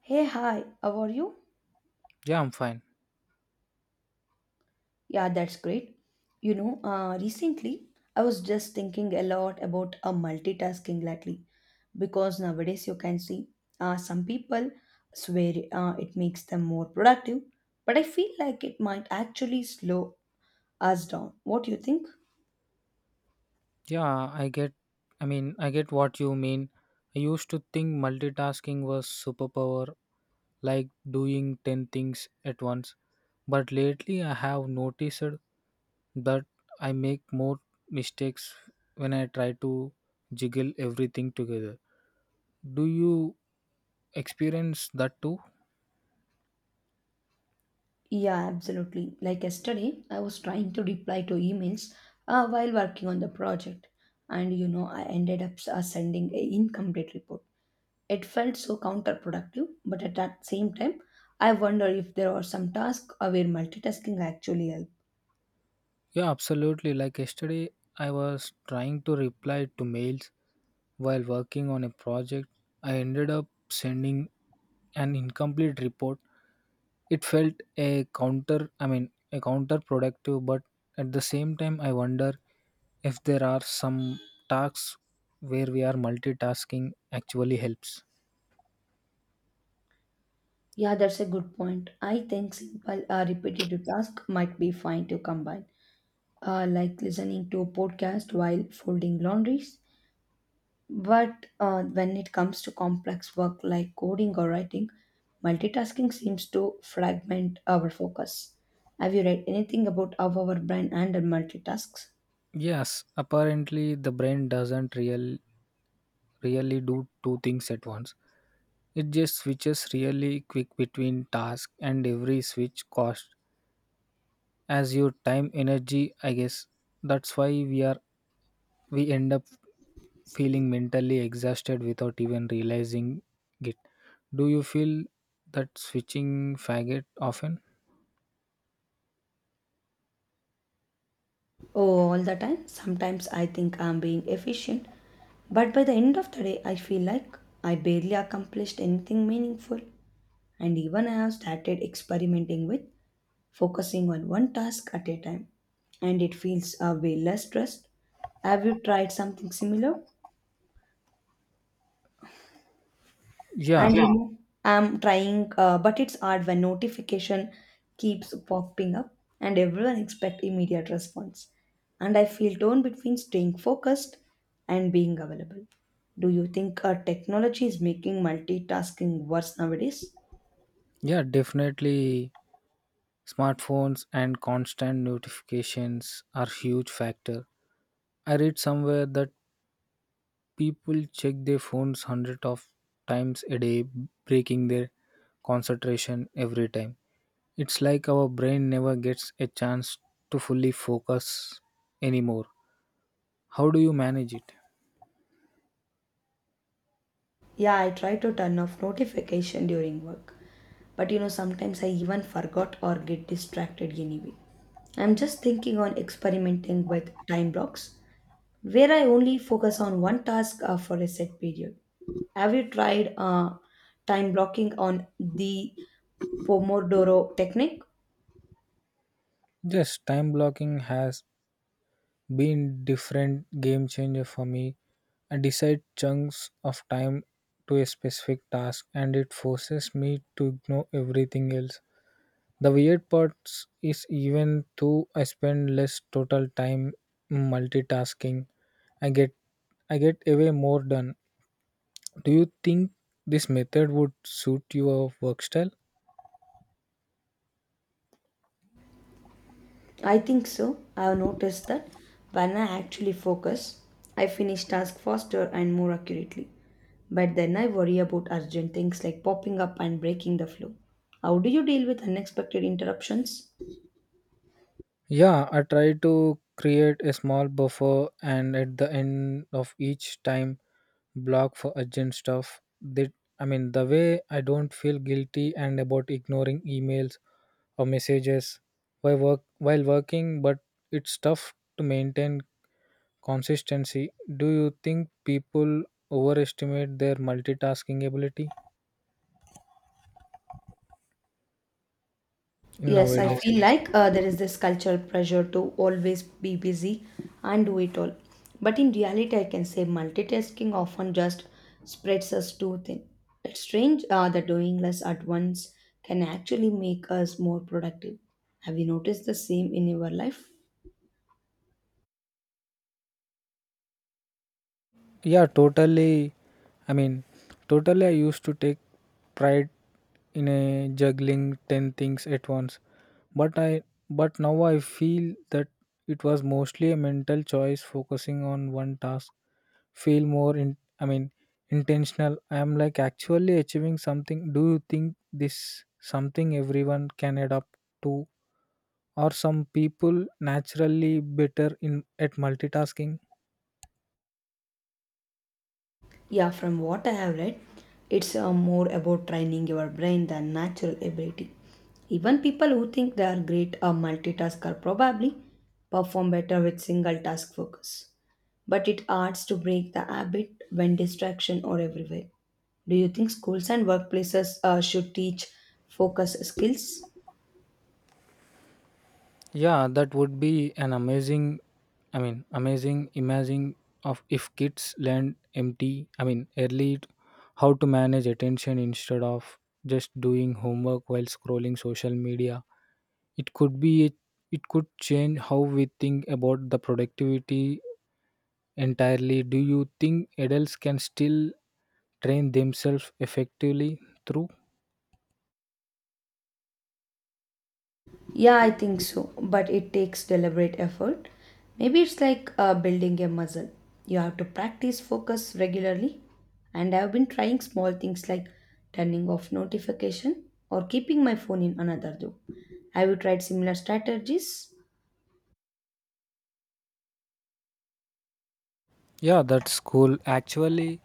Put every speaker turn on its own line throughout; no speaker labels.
Hey, hi, how are you?
Yeah, I'm fine.
Yeah, that's great. Recently I was just thinking a lot about multitasking lately because nowadays you can see some people swear it makes them more productive, but I feel like it might actually slow us down. What do you think?
Yeah, I get I mean, I get what you mean. I used to think multitasking was superpower, like doing 10 things at once. But lately I have noticed that I make more mistakes when I try to jiggle everything together. Do you experience that too?
Yeah, absolutely. Like yesterday, I was trying to reply to emails while working on the project, and I ended up sending an incomplete report. It felt so counterproductive, but at that same time, I wonder if there are some tasks where multitasking actually helps.
Yeah, absolutely. Like yesterday I was trying to reply to mails while working on a project, I ended up sending an incomplete report. It felt I mean, a counterproductive, but at the same time, I wonder if there are some tasks where we are multitasking actually helps.
Yeah, that's a good point. I think simple repetitive tasks might be fine to combine, like listening to a podcast while folding laundries. But when it comes to complex work like coding or writing, multitasking seems to fragment our focus. Have you read anything about how our brain handles multitasks?
Yes, apparently the brain doesn't really do two things at once. It just switches really quick between tasks, and every switch costs as your time energy I guess. That's why we end up feeling mentally exhausted without even realizing it. Do you feel that switching faggot often?
Oh, all the time. Sometimes I think I'm being efficient, but by the end of the day, I feel like I barely accomplished anything meaningful. And even I have started experimenting with focusing on one task at a time, and it feels a way less stressed. Have you tried something similar?
Yeah,
And you Yeah. know I'm trying but it's hard when notification keeps popping up and everyone expect immediate response and I feel torn between staying focused and being available. Do you think technology is making multitasking worse nowadays?
yeah, definitely. Smartphones and constant notifications are huge factor. I read somewhere that people check their phones hundred of times a day, breaking their concentration every time. It's like our brain never gets a chance to fully focus anymore. How do you manage it?
Yeah, I try to turn off notification during work, but sometimes I even forgot or get distracted anyway. I'm just thinking on experimenting with time blocks where I only focus on one task for a set period. Have you tried time blocking on the Pomodoro technique?
Just time blocking has been different game changer for me. I decide chunks of time to a specific task and it forces me to ignore everything else. The weird part is even though I spend less total time multitasking, I get I get away more done. Do you think this method would suit your work style?
I think so. I've noticed that when I actually focus, I finish tasks faster and more accurately. But then I worry about urgent things like popping up and breaking the flow. How do you deal with unexpected interruptions?
Yeah, I try to create a small buffer and at the end of each time block for urgent stuff. That, I mean, the way I don't feel guilty and about ignoring emails or messages while working, but it's tough to maintain consistency. Do you think people overestimate their multitasking ability
Yes, I, now,
nowadays?
feel, nowadays, like there is this cultural pressure to always be busy and do it all. But in reality, I can say multitasking often just spreads us too thin. It's strange that doing less at once can actually make us more productive. Have you noticed the same in your life?
Yeah, totally. I mean, totally, I used to take pride in a juggling 10 things at once, but I but now I feel that it was mostly a mental choice focusing on one task. Feel more in, I mean, intentional. I am like actually achieving something. Do you think this something everyone can adapt to, or some people naturally better in at multitasking?
Yeah, from what I have read, it's more about training your brain than natural ability. Even people who think they are great multitasker probably perform better with single task focus. But it hurts to break the habit when distraction are everywhere. Do you think schools and workplaces should teach focus skills?
Yeah, that would be I mean, amazing imagine of if kids learn I mean, early how to manage attention instead of just doing homework while scrolling social media. It could be, it could change how we think about the productivity entirely. Do you think adults can still train themselves effectively through?
Yeah, I think so, but it takes deliberate effort. Maybe it's like building a muscle. You have to practice focus regularly. And I've been trying small things like turning off notification or keeping my phone in another room. Have you tried similar strategies?
Yeah, that's cool. Actually,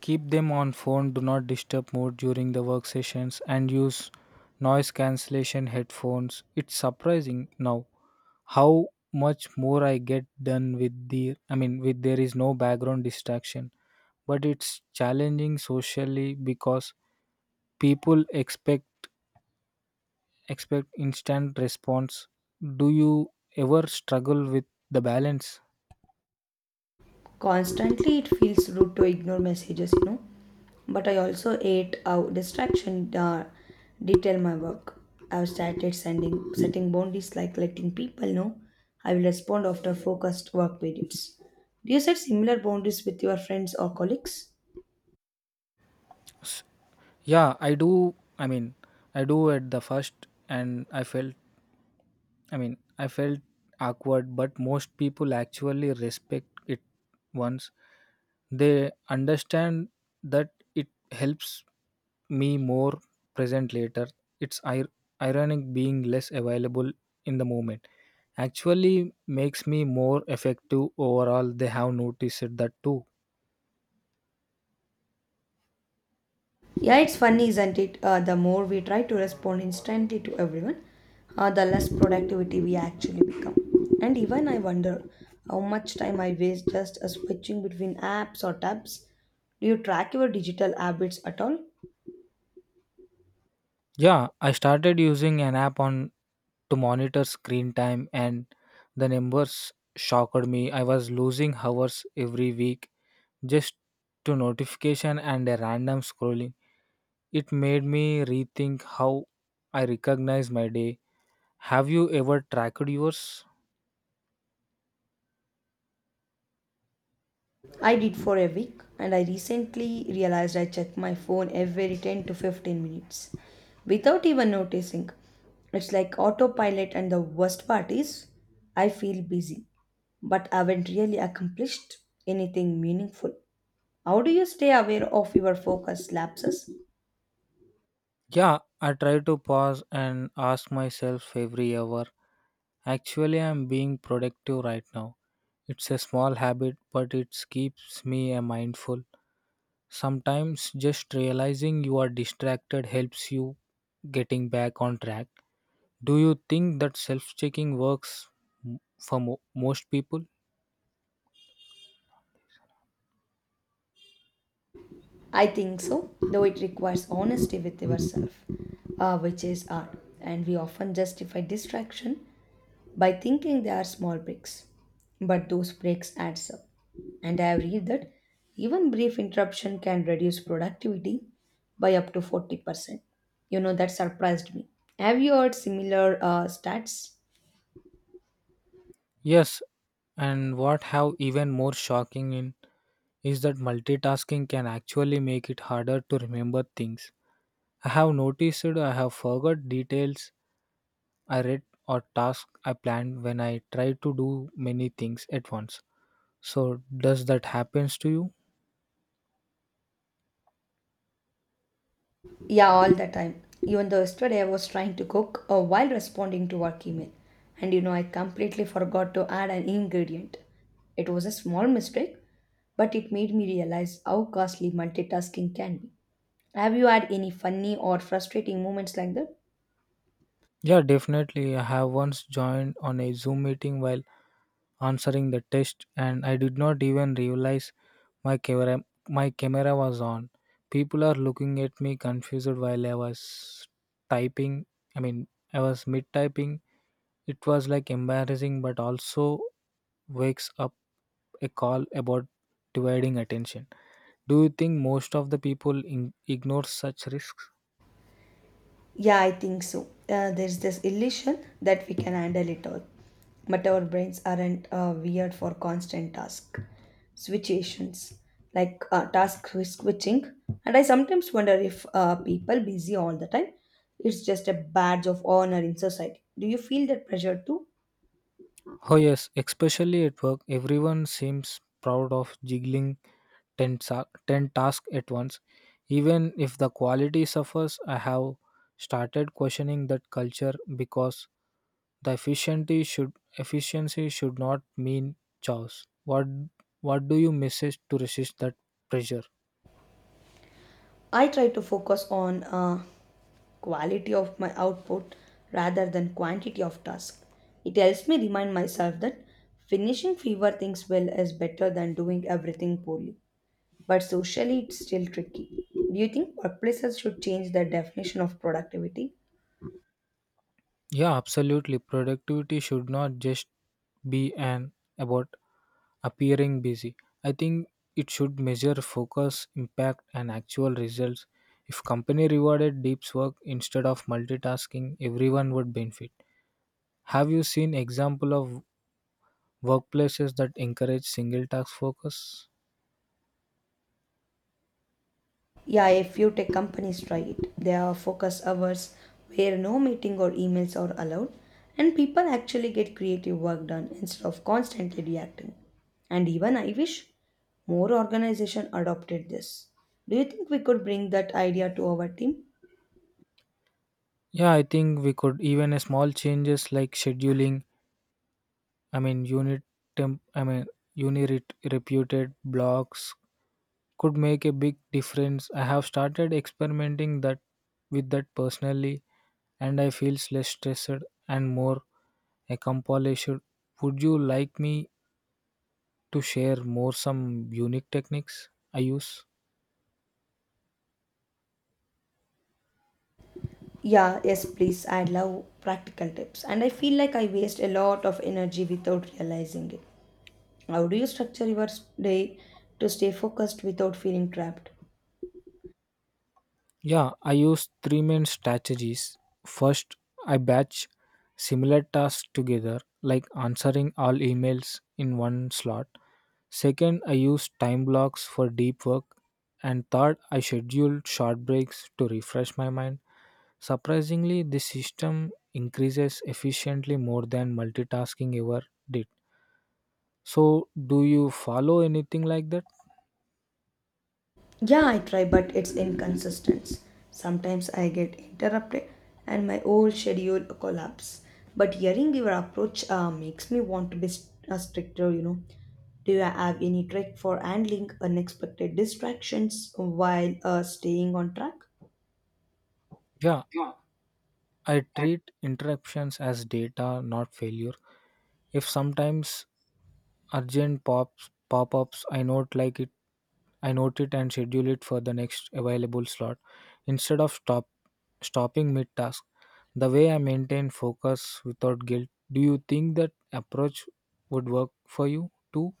keep them on phone, do not disturb mode during the work sessions, and use noise cancellation headphones. It's surprising now how much more I get done with the I mean, with there is no background distraction. But it's challenging socially because people expect instant response. Do you ever struggle with the balance?
Constantly, it feels rude to ignore messages, but I also ate out distraction detail my work. I've started sending setting boundaries like letting people know I will respond after focused work periods. Do you set similar boundaries with your friends or colleagues?
Yeah, I do. I mean, I do at the first, and I mean, I felt awkward, but most people actually respect it once they understand that it helps me more present later. It's ironic being less available in the moment actually makes me more effective overall. They have noticed that too.
Yeah, it's funny, isn't it? The more we try to respond instantly to everyone, the less productivity we actually become. And even I wonder how much time I waste just switching between apps or tabs. Do you track your digital habits at all?
Yeah, I started using an app on to monitor screen time and the numbers shocked me. I was losing hours every week just to notification and a random scrolling. It made me rethink how I recognize my day. Have you ever tracked yours?
I did for a week and I recently realized I check my phone every 10 to 15 minutes without even noticing. It's like autopilot, and the worst part is I feel busy but haven't really accomplished anything meaningful. How do you stay aware of your focus lapses?
Yeah, I try to pause and ask myself every hour. Actually, I'm being productive right now. It's a small habit, but it keeps me mindful. Sometimes just realizing you are distracted helps you getting back on track. Do you think that self-checking works for most people?
I think so, though it requires honesty with yourself, which is art, and we often justify distraction by thinking they are small breaks. But those breaks adds up. And I have read that even brief interruption can reduce productivity by up to 40%. That surprised me. Have you heard similar stats?
Yes, and what have even more shocking in is that multitasking can actually make it harder to remember things. I have noticed I have forgot details I read or task I planned when I try to do many things at once. So does that happens to you?
Yeah, all the time. Even though yesterday I was trying to cook while responding to work email. And I completely forgot to add an ingredient. It was a small mistake, but it made me realize how costly multitasking can be. Have you had any funny or frustrating moments like that?
Yeah, definitely. I have once joined on a Zoom meeting while answering the test, and I did not even realize my camera my camera was on. People are looking at me confused while I was typing. I mean, I was mid typing. It was like embarrassing, but also wakes up a call about dividing attention. Do you think most of the people ignore such risks?
Yeah, I think so. There's this illusion that we can handle it all, but our brains aren't weird for constant task switchations, like task switching. And I sometimes wonder if people busy all the time, it's just a badge of honor in society. Do you feel that pressure too?
Oh yes, especially at work, everyone seems proud of jiggling 10 tasks at once. Even if the quality suffers, I have started questioning that culture because the efficiency should not mean chaos. What do you message to resist that pressure?
I try to focus on quality of my output rather than quantity of task. It helps me remind myself that finishing fewer things well is better than doing everything poorly. But socially, it's still tricky. Do you think workplaces should change their definition of productivity?
Yeah, absolutely. Productivity should not just be an about appearing busy. I think it should measure focus, impact, and actual results. If company rewarded deep work instead of multitasking, everyone would benefit. Have you seen example of workplaces that encourage single task focus?
Yeah, a few tech companies try it. There are focus hours where no meeting or emails are allowed, and people actually get creative work done instead of constantly reacting. And even I wish more organization adopted this. Do you think we could bring that idea to our team?
Yeah, I think we could even a small changes like scheduling. I mean unit temp. I mean unit reputed blocks could make a big difference. I have started experimenting that with that personally and I feel less stressed and more accomplished. Would you like me to share more some unique techniques I use?
Yeah, yes, please. I love practical tips, and I feel like I waste a lot of energy without realizing it. How do you structure your day to stay focused without feeling trapped?
Yeah, I use three main strategies. First, I batch similar tasks together, like answering all emails in one slot. Second, I use time blocks for deep work. And third, I schedule short breaks to refresh my mind. Surprisingly, this system increases efficiently more than multitasking ever did. So, do you follow anything like that?
Yeah, I try, but it's inconsistent. Sometimes I get interrupted and my whole schedule collapses. But hearing your approach makes me want to be stricter, Do you have any trick for handling unexpected distractions while staying on track?
Yeah, I treat interruptions as data, not failure. If sometimes urgent pops pop-ups, I note it and schedule it for the next available slot instead of stopping mid task. The way I maintain focus without guilt. Do you think that approach would work for you too?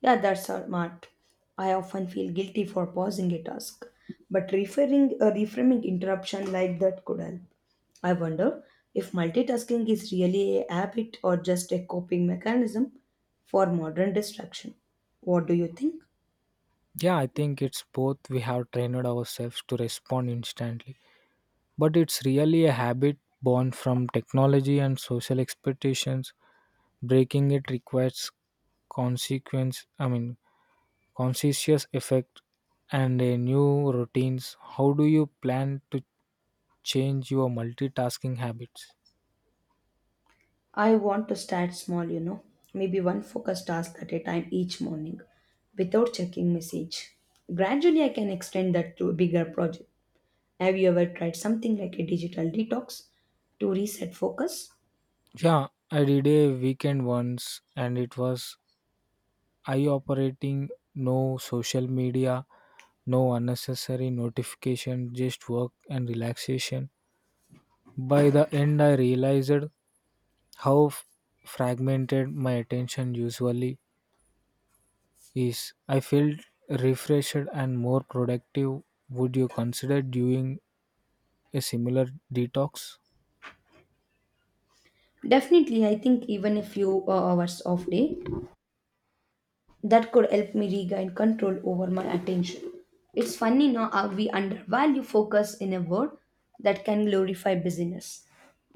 Yeah, that's smart. I often feel guilty for pausing a task, but referring a reframing interruption like that could help. I wonder if multitasking is really a habit or just a coping mechanism for modern distraction. What do you think?
Yeah, I think it's both. We have trained ourselves to respond instantly, but it's really a habit born from technology and social expectations. Breaking it requires I mean, conscientious effect and a new routines. How do you plan to change your multitasking habits?
I want to start small, maybe one focused task at a time each morning without checking message. Gradually, I can extend that to a bigger project. Have you ever tried something like a digital detox to reset focus?
Yeah, I did a weekend once and it was I operating no social media, no unnecessary notification, just work and relaxation. By the end, I realized how fragmented my attention usually is. I felt refreshed and more productive. Would you consider doing a similar detox?
Definitely, I think even a few hours off day that could help me regain control over my attention. It's funny now how we undervalue focus in a world that can glorify busyness.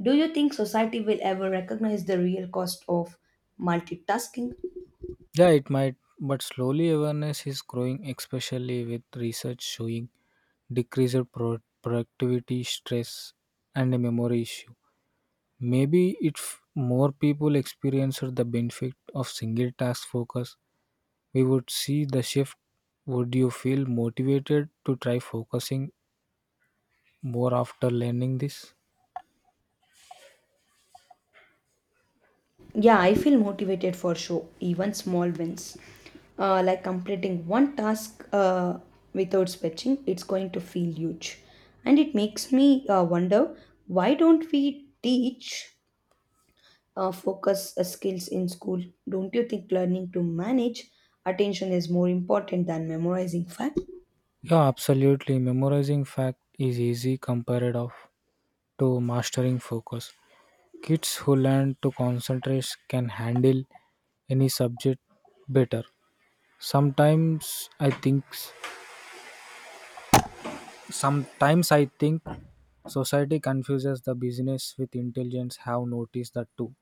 Do you think society will ever recognize the real cost of multitasking?
Yeah, it might, but slowly awareness is growing, especially with research showing decreased productivity, stress, and a memory issue. Maybe if more people experienced the benefit of single task focus, we would see the shift. Would you feel motivated to try focusing more after learning this?
Yeah, I feel motivated for sure, even small wins. Like completing one task without switching, it's going to feel huge. And it makes me wonder why don't we teach focus skills in school? Don't you think learning to manage attention is more important than memorizing facts?
Yeah, absolutely. Memorizing fact is easy compared of to mastering focus. Kids who learn to concentrate can handle any subject better. Sometimes I think Sometimes I think society confuses the business with intelligence. Have noticed that too.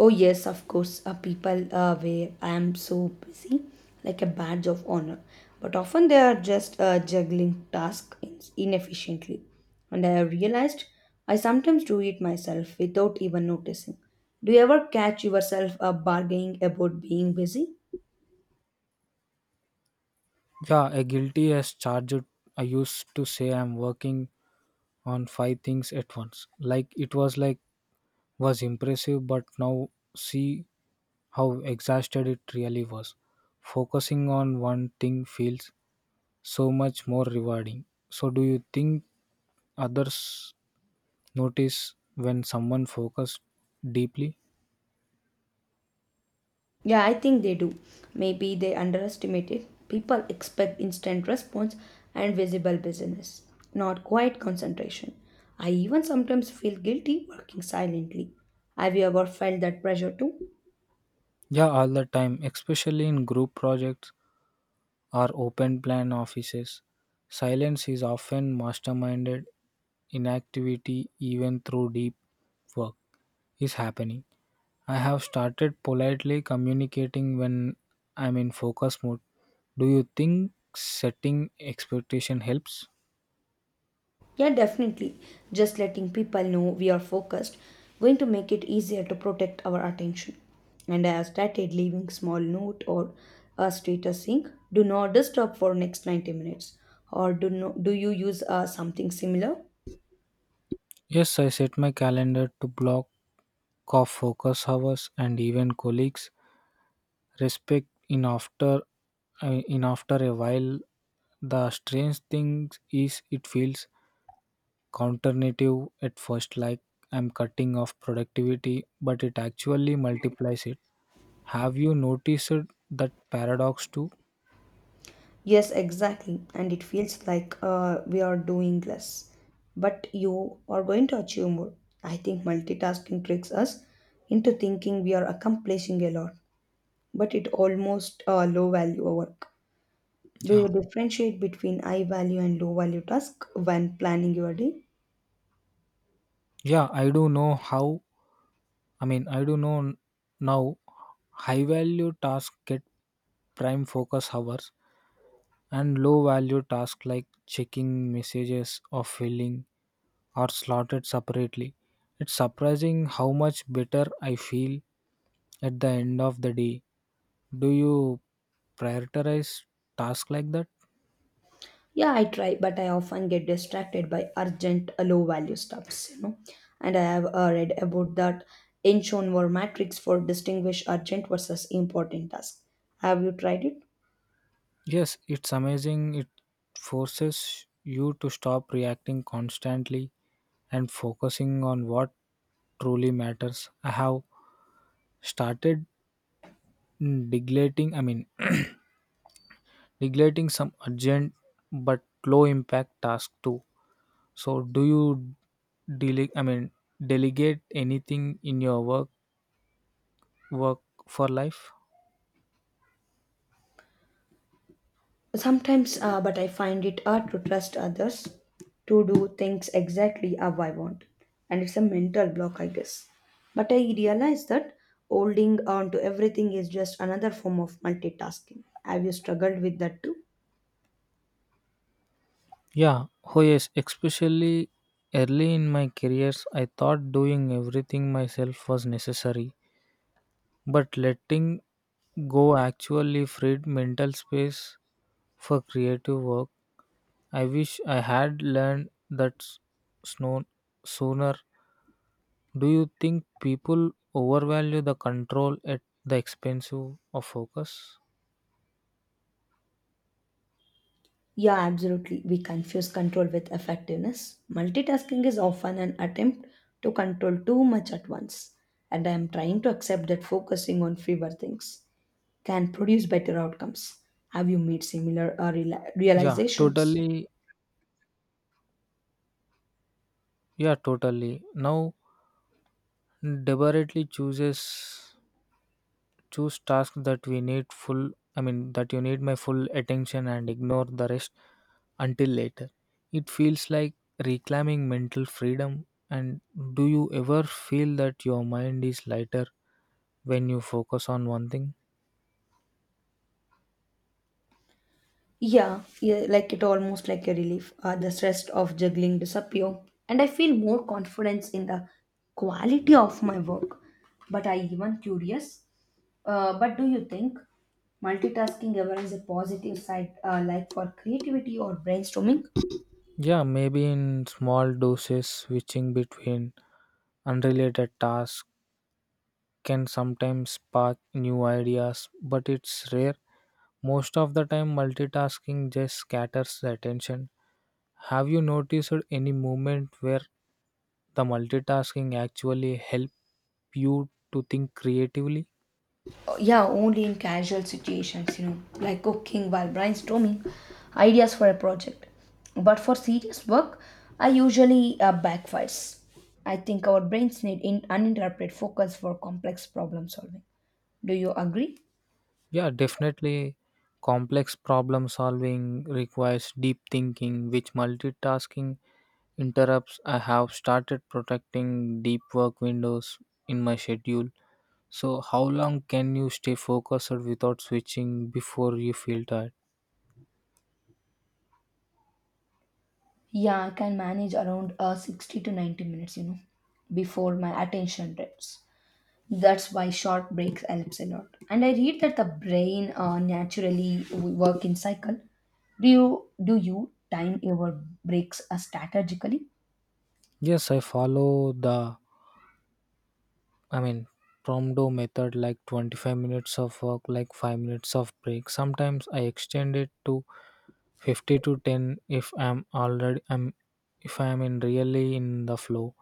Oh yes, of course. People where I am so busy, like a badge of honor. But often they are just juggling tasks inefficiently. And I have realized I sometimes do it myself without even noticing. Do you ever catch yourself bargaining about being busy?
Yeah, a guilty as charged. I used to say I'm working on five things at once. Like was impressive, but now see how exhausted it really was. Focusing on one thing feels so much more rewarding. So do you think others notice when someone focuses deeply?
Yeah, I think they do. Maybe they underestimate it. People expect instant response and visible business, not quiet concentration. I even sometimes feel guilty working silently. Have you ever felt that pressure too?
Yeah, all the time, especially in group projects or open plan offices. Silence is often masterminded, inactivity, even through deep work, is happening. I have started politely communicating when I'm in focus mode. Do you think setting expectation helps?
Yeah, definitely. Just letting people know we are focused, going to make it easier to protect our attention. And I have started leaving small note or a status saying, "Do not disturb for next 90 minutes." Or do no, do you use something similar?
Yes, I set my calendar to block off focus hours and even colleagues respect in after a while. The strange thing is it feels counterintuitive at first, like I'm cutting off productivity but it actually multiplies it. Have you noticed that paradox too?
Yes, exactly. And it feels like we are doing less, but you are going to achieve more. I think multitasking tricks us into thinking we are accomplishing a lot, but it almost low value work. Do
Yeah,
you differentiate between high value and low value tasks when planning your day?
yeah, I do know how. I mean, I do know now high value tasks get prime focus hours and low value tasks like checking messages or filling are slotted separately. It's surprising how much better I feel at the end of the day. Do you prioritize tasks like that?
Yeah, I try, but I often get distracted by urgent, low value stuffs. And I have read about that Eichhorn matrix for distinguish urgent versus important tasks. Have you tried it?
Yes, it's amazing. It forces you to stop reacting constantly and focusing on what truly matters. I have started neglecting, I mean, neglecting some urgent but low impact tasks too. So, do you delegate? I mean, delegate anything in your work for life?
Sometimes, but I find it hard to trust others to do things exactly how I want. And it's a mental block, I guess. But I realize that holding on to everything is just another form of multitasking. Have you struggled with that too?
Yeah, oh yes, especially early in my careers, I thought doing everything myself was necessary, but letting go actually freed mental space for creative work. I wish I had learned that sno- sooner. Do you think people overvalue the control at the expense of focus?
Yeah, absolutely. We confuse control with effectiveness. Multitasking is often an attempt to control too much at once, and I am trying to accept that focusing on fewer things can produce better outcomes. Have you made similar
Yeah,
realizations?
totally. Yeah, totally. Now, deliberately chooses choose tasks that we need full I mean, that you need my full attention and ignore the rest until later. It feels like reclaiming mental freedom. And do you ever feel that your mind is lighter when you focus on one thing?
Yeah, yeah, like it almost like a relief. The stress of juggling disappear, and I feel more confidence in the quality of my work. But I even curious. But do you think multitasking ever has a positive side, like for creativity or brainstorming?
Yeah, maybe in small doses switching between unrelated tasks can sometimes spark new ideas, but it's rare. Most of the time multitasking just scatters the attention. Have you noticed any moment where the multitasking actually help you to think creatively?
Yeah, only in casual situations, like cooking while brainstorming ideas for a project. But for serious work, I usually backfires. I think our brains need in uninterrupted focus for complex problem solving. Do you agree?
Yeah, definitely. Complex problem solving requires deep thinking, which multitasking interrupts. I have started protecting deep work windows in my schedule. So, how long can you stay focused without switching before you feel tired?
Yeah, I can manage around 60 to 90 minutes, before my attention drips. That's why short breaks helps a lot. And I read that the brain naturally work in cycle. Do you time your breaks strategically?
Yes, I follow the I mean, Pomodoro method like 25 minutes of work, like 5 minutes of break. Sometimes I extend it to 50 to 10 if I'm already I'm if I am in really in the flow.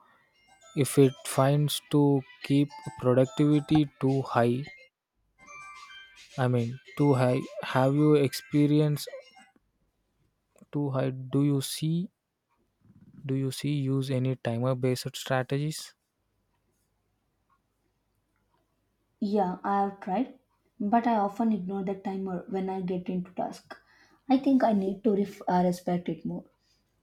If it finds to keep productivity too high, I mean too high. Have you experienced too high? Do you see use any timer based strategies?
Yeah, I have tried, but I often ignore the timer when I get into task. I think I need to respect it more.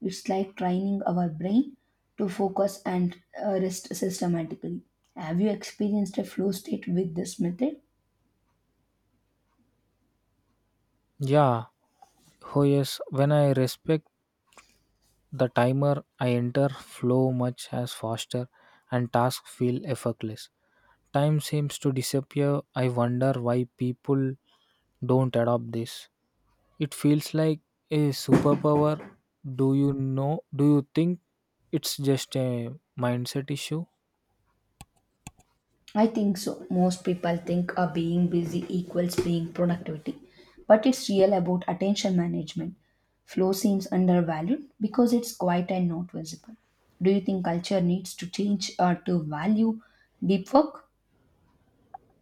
It's like training our brain to focus and rest systematically. Have you experienced a flow state with this method?
Yeah. Oh yes. When I respect the timer I enter flow much as faster and tasks feel effortless. Time seems to disappear. I wonder why people don't adopt this. It feels like a superpower. Do you think it's just a mindset issue?
I think so. Most people think being busy equals being productivity, but it's real about attention management. Flow seems undervalued because it's quiet and not visible. Do you think culture needs to change to value deep work?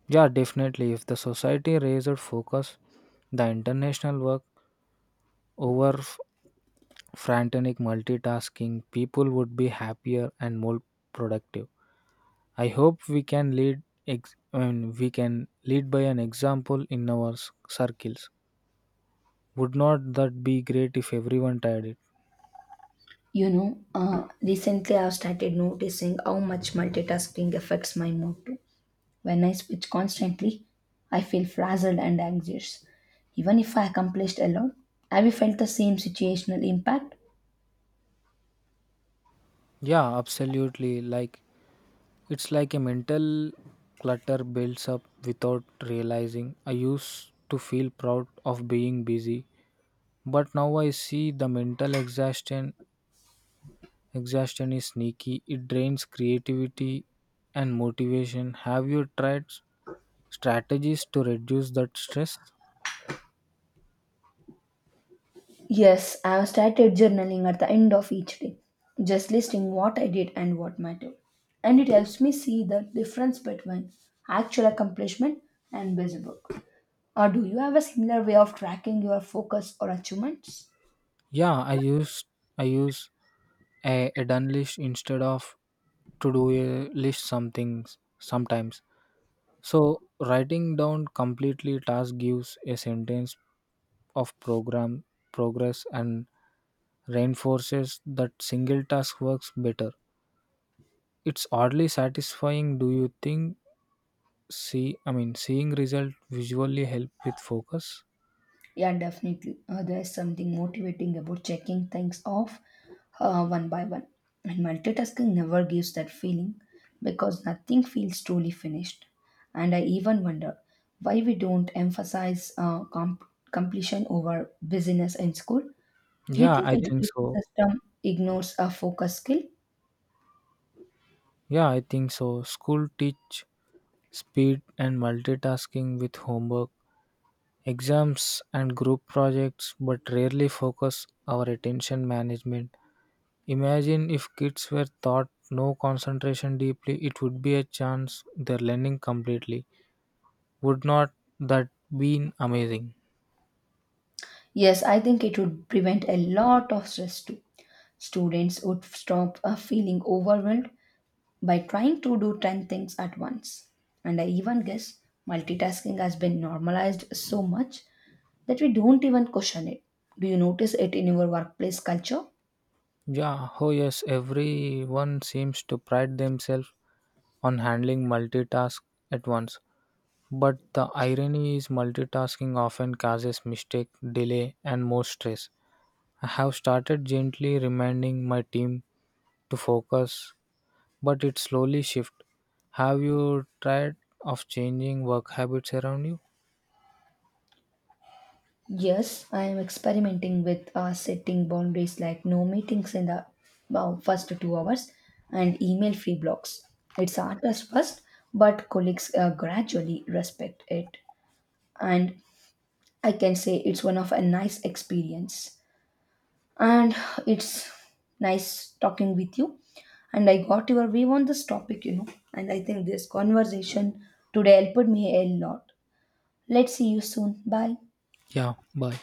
Yeah, definitely. If the society raised focus, the international work over frantic multitasking, people would be happier and more productive. I hope we can lead I mean, we can lead by an example in our circles. Would not that be great if everyone tried it?
Recently I've started noticing how much multitasking affects my mood too. When I switch constantly, I feel frazzled and anxious. Even if I accomplished a lot, have you felt the same situational impact?
Yeah, absolutely. Like it's like a mental clutter builds up without realizing. I used to feel proud of being busy, but now I see the mental exhaustion. Exhaustion is sneaky, it drains creativity and motivation. Have you tried strategies to reduce that stress?
Yes, I have started journaling at the end of each day, just listing what I did and what mattered. And it helps me see the difference between actual accomplishment and busy work. Or do you have a similar way of tracking your focus or achievements?
Yeah, I use a done list instead of to do a list some things sometimes. So writing down completely task gives a sentence of program progress and reinforces that single task works better. It's oddly satisfying. Do you think I mean, seeing result visually help with focus.
Yeah, definitely. There's something motivating about checking things off one by one. And multitasking never gives that feeling because nothing feels truly finished. And I even wonder why we don't emphasize completion over busyness in school. Do you
Yeah,
think
I think
education
so.
system ignores a focus skill?
Yeah, I think so. School teach speed and multitasking with homework, exams and group projects, but rarely focus our attention management. Imagine if kids were taught no concentration deeply, it would be a chance their learning completely. Would not that been amazing?
Yes, I think it would prevent a lot of stress too. Students would stop feeling overwhelmed by trying to do 10 things at once. And I even guess multitasking has been normalized so much that we don't even question it. Do you notice it in your workplace culture?
Yeah, oh yes, everyone seems to pride themselves on handling multitask at once. But the irony is multitasking often causes mistake, delay and more stress. I have started gently reminding my team to focus, but it slowly shift. Have you tried of changing work habits around you?
Yes, I am experimenting with setting boundaries like no meetings in the first 2 hours and email free blocks. It's artists first, but colleagues gradually respect it. And I can say it's one of a nice experience. And it's nice talking with you, and I got your view on this topic, and I think this conversation today helped me a lot. Let's see you soon. Bye.
Yeah, bye.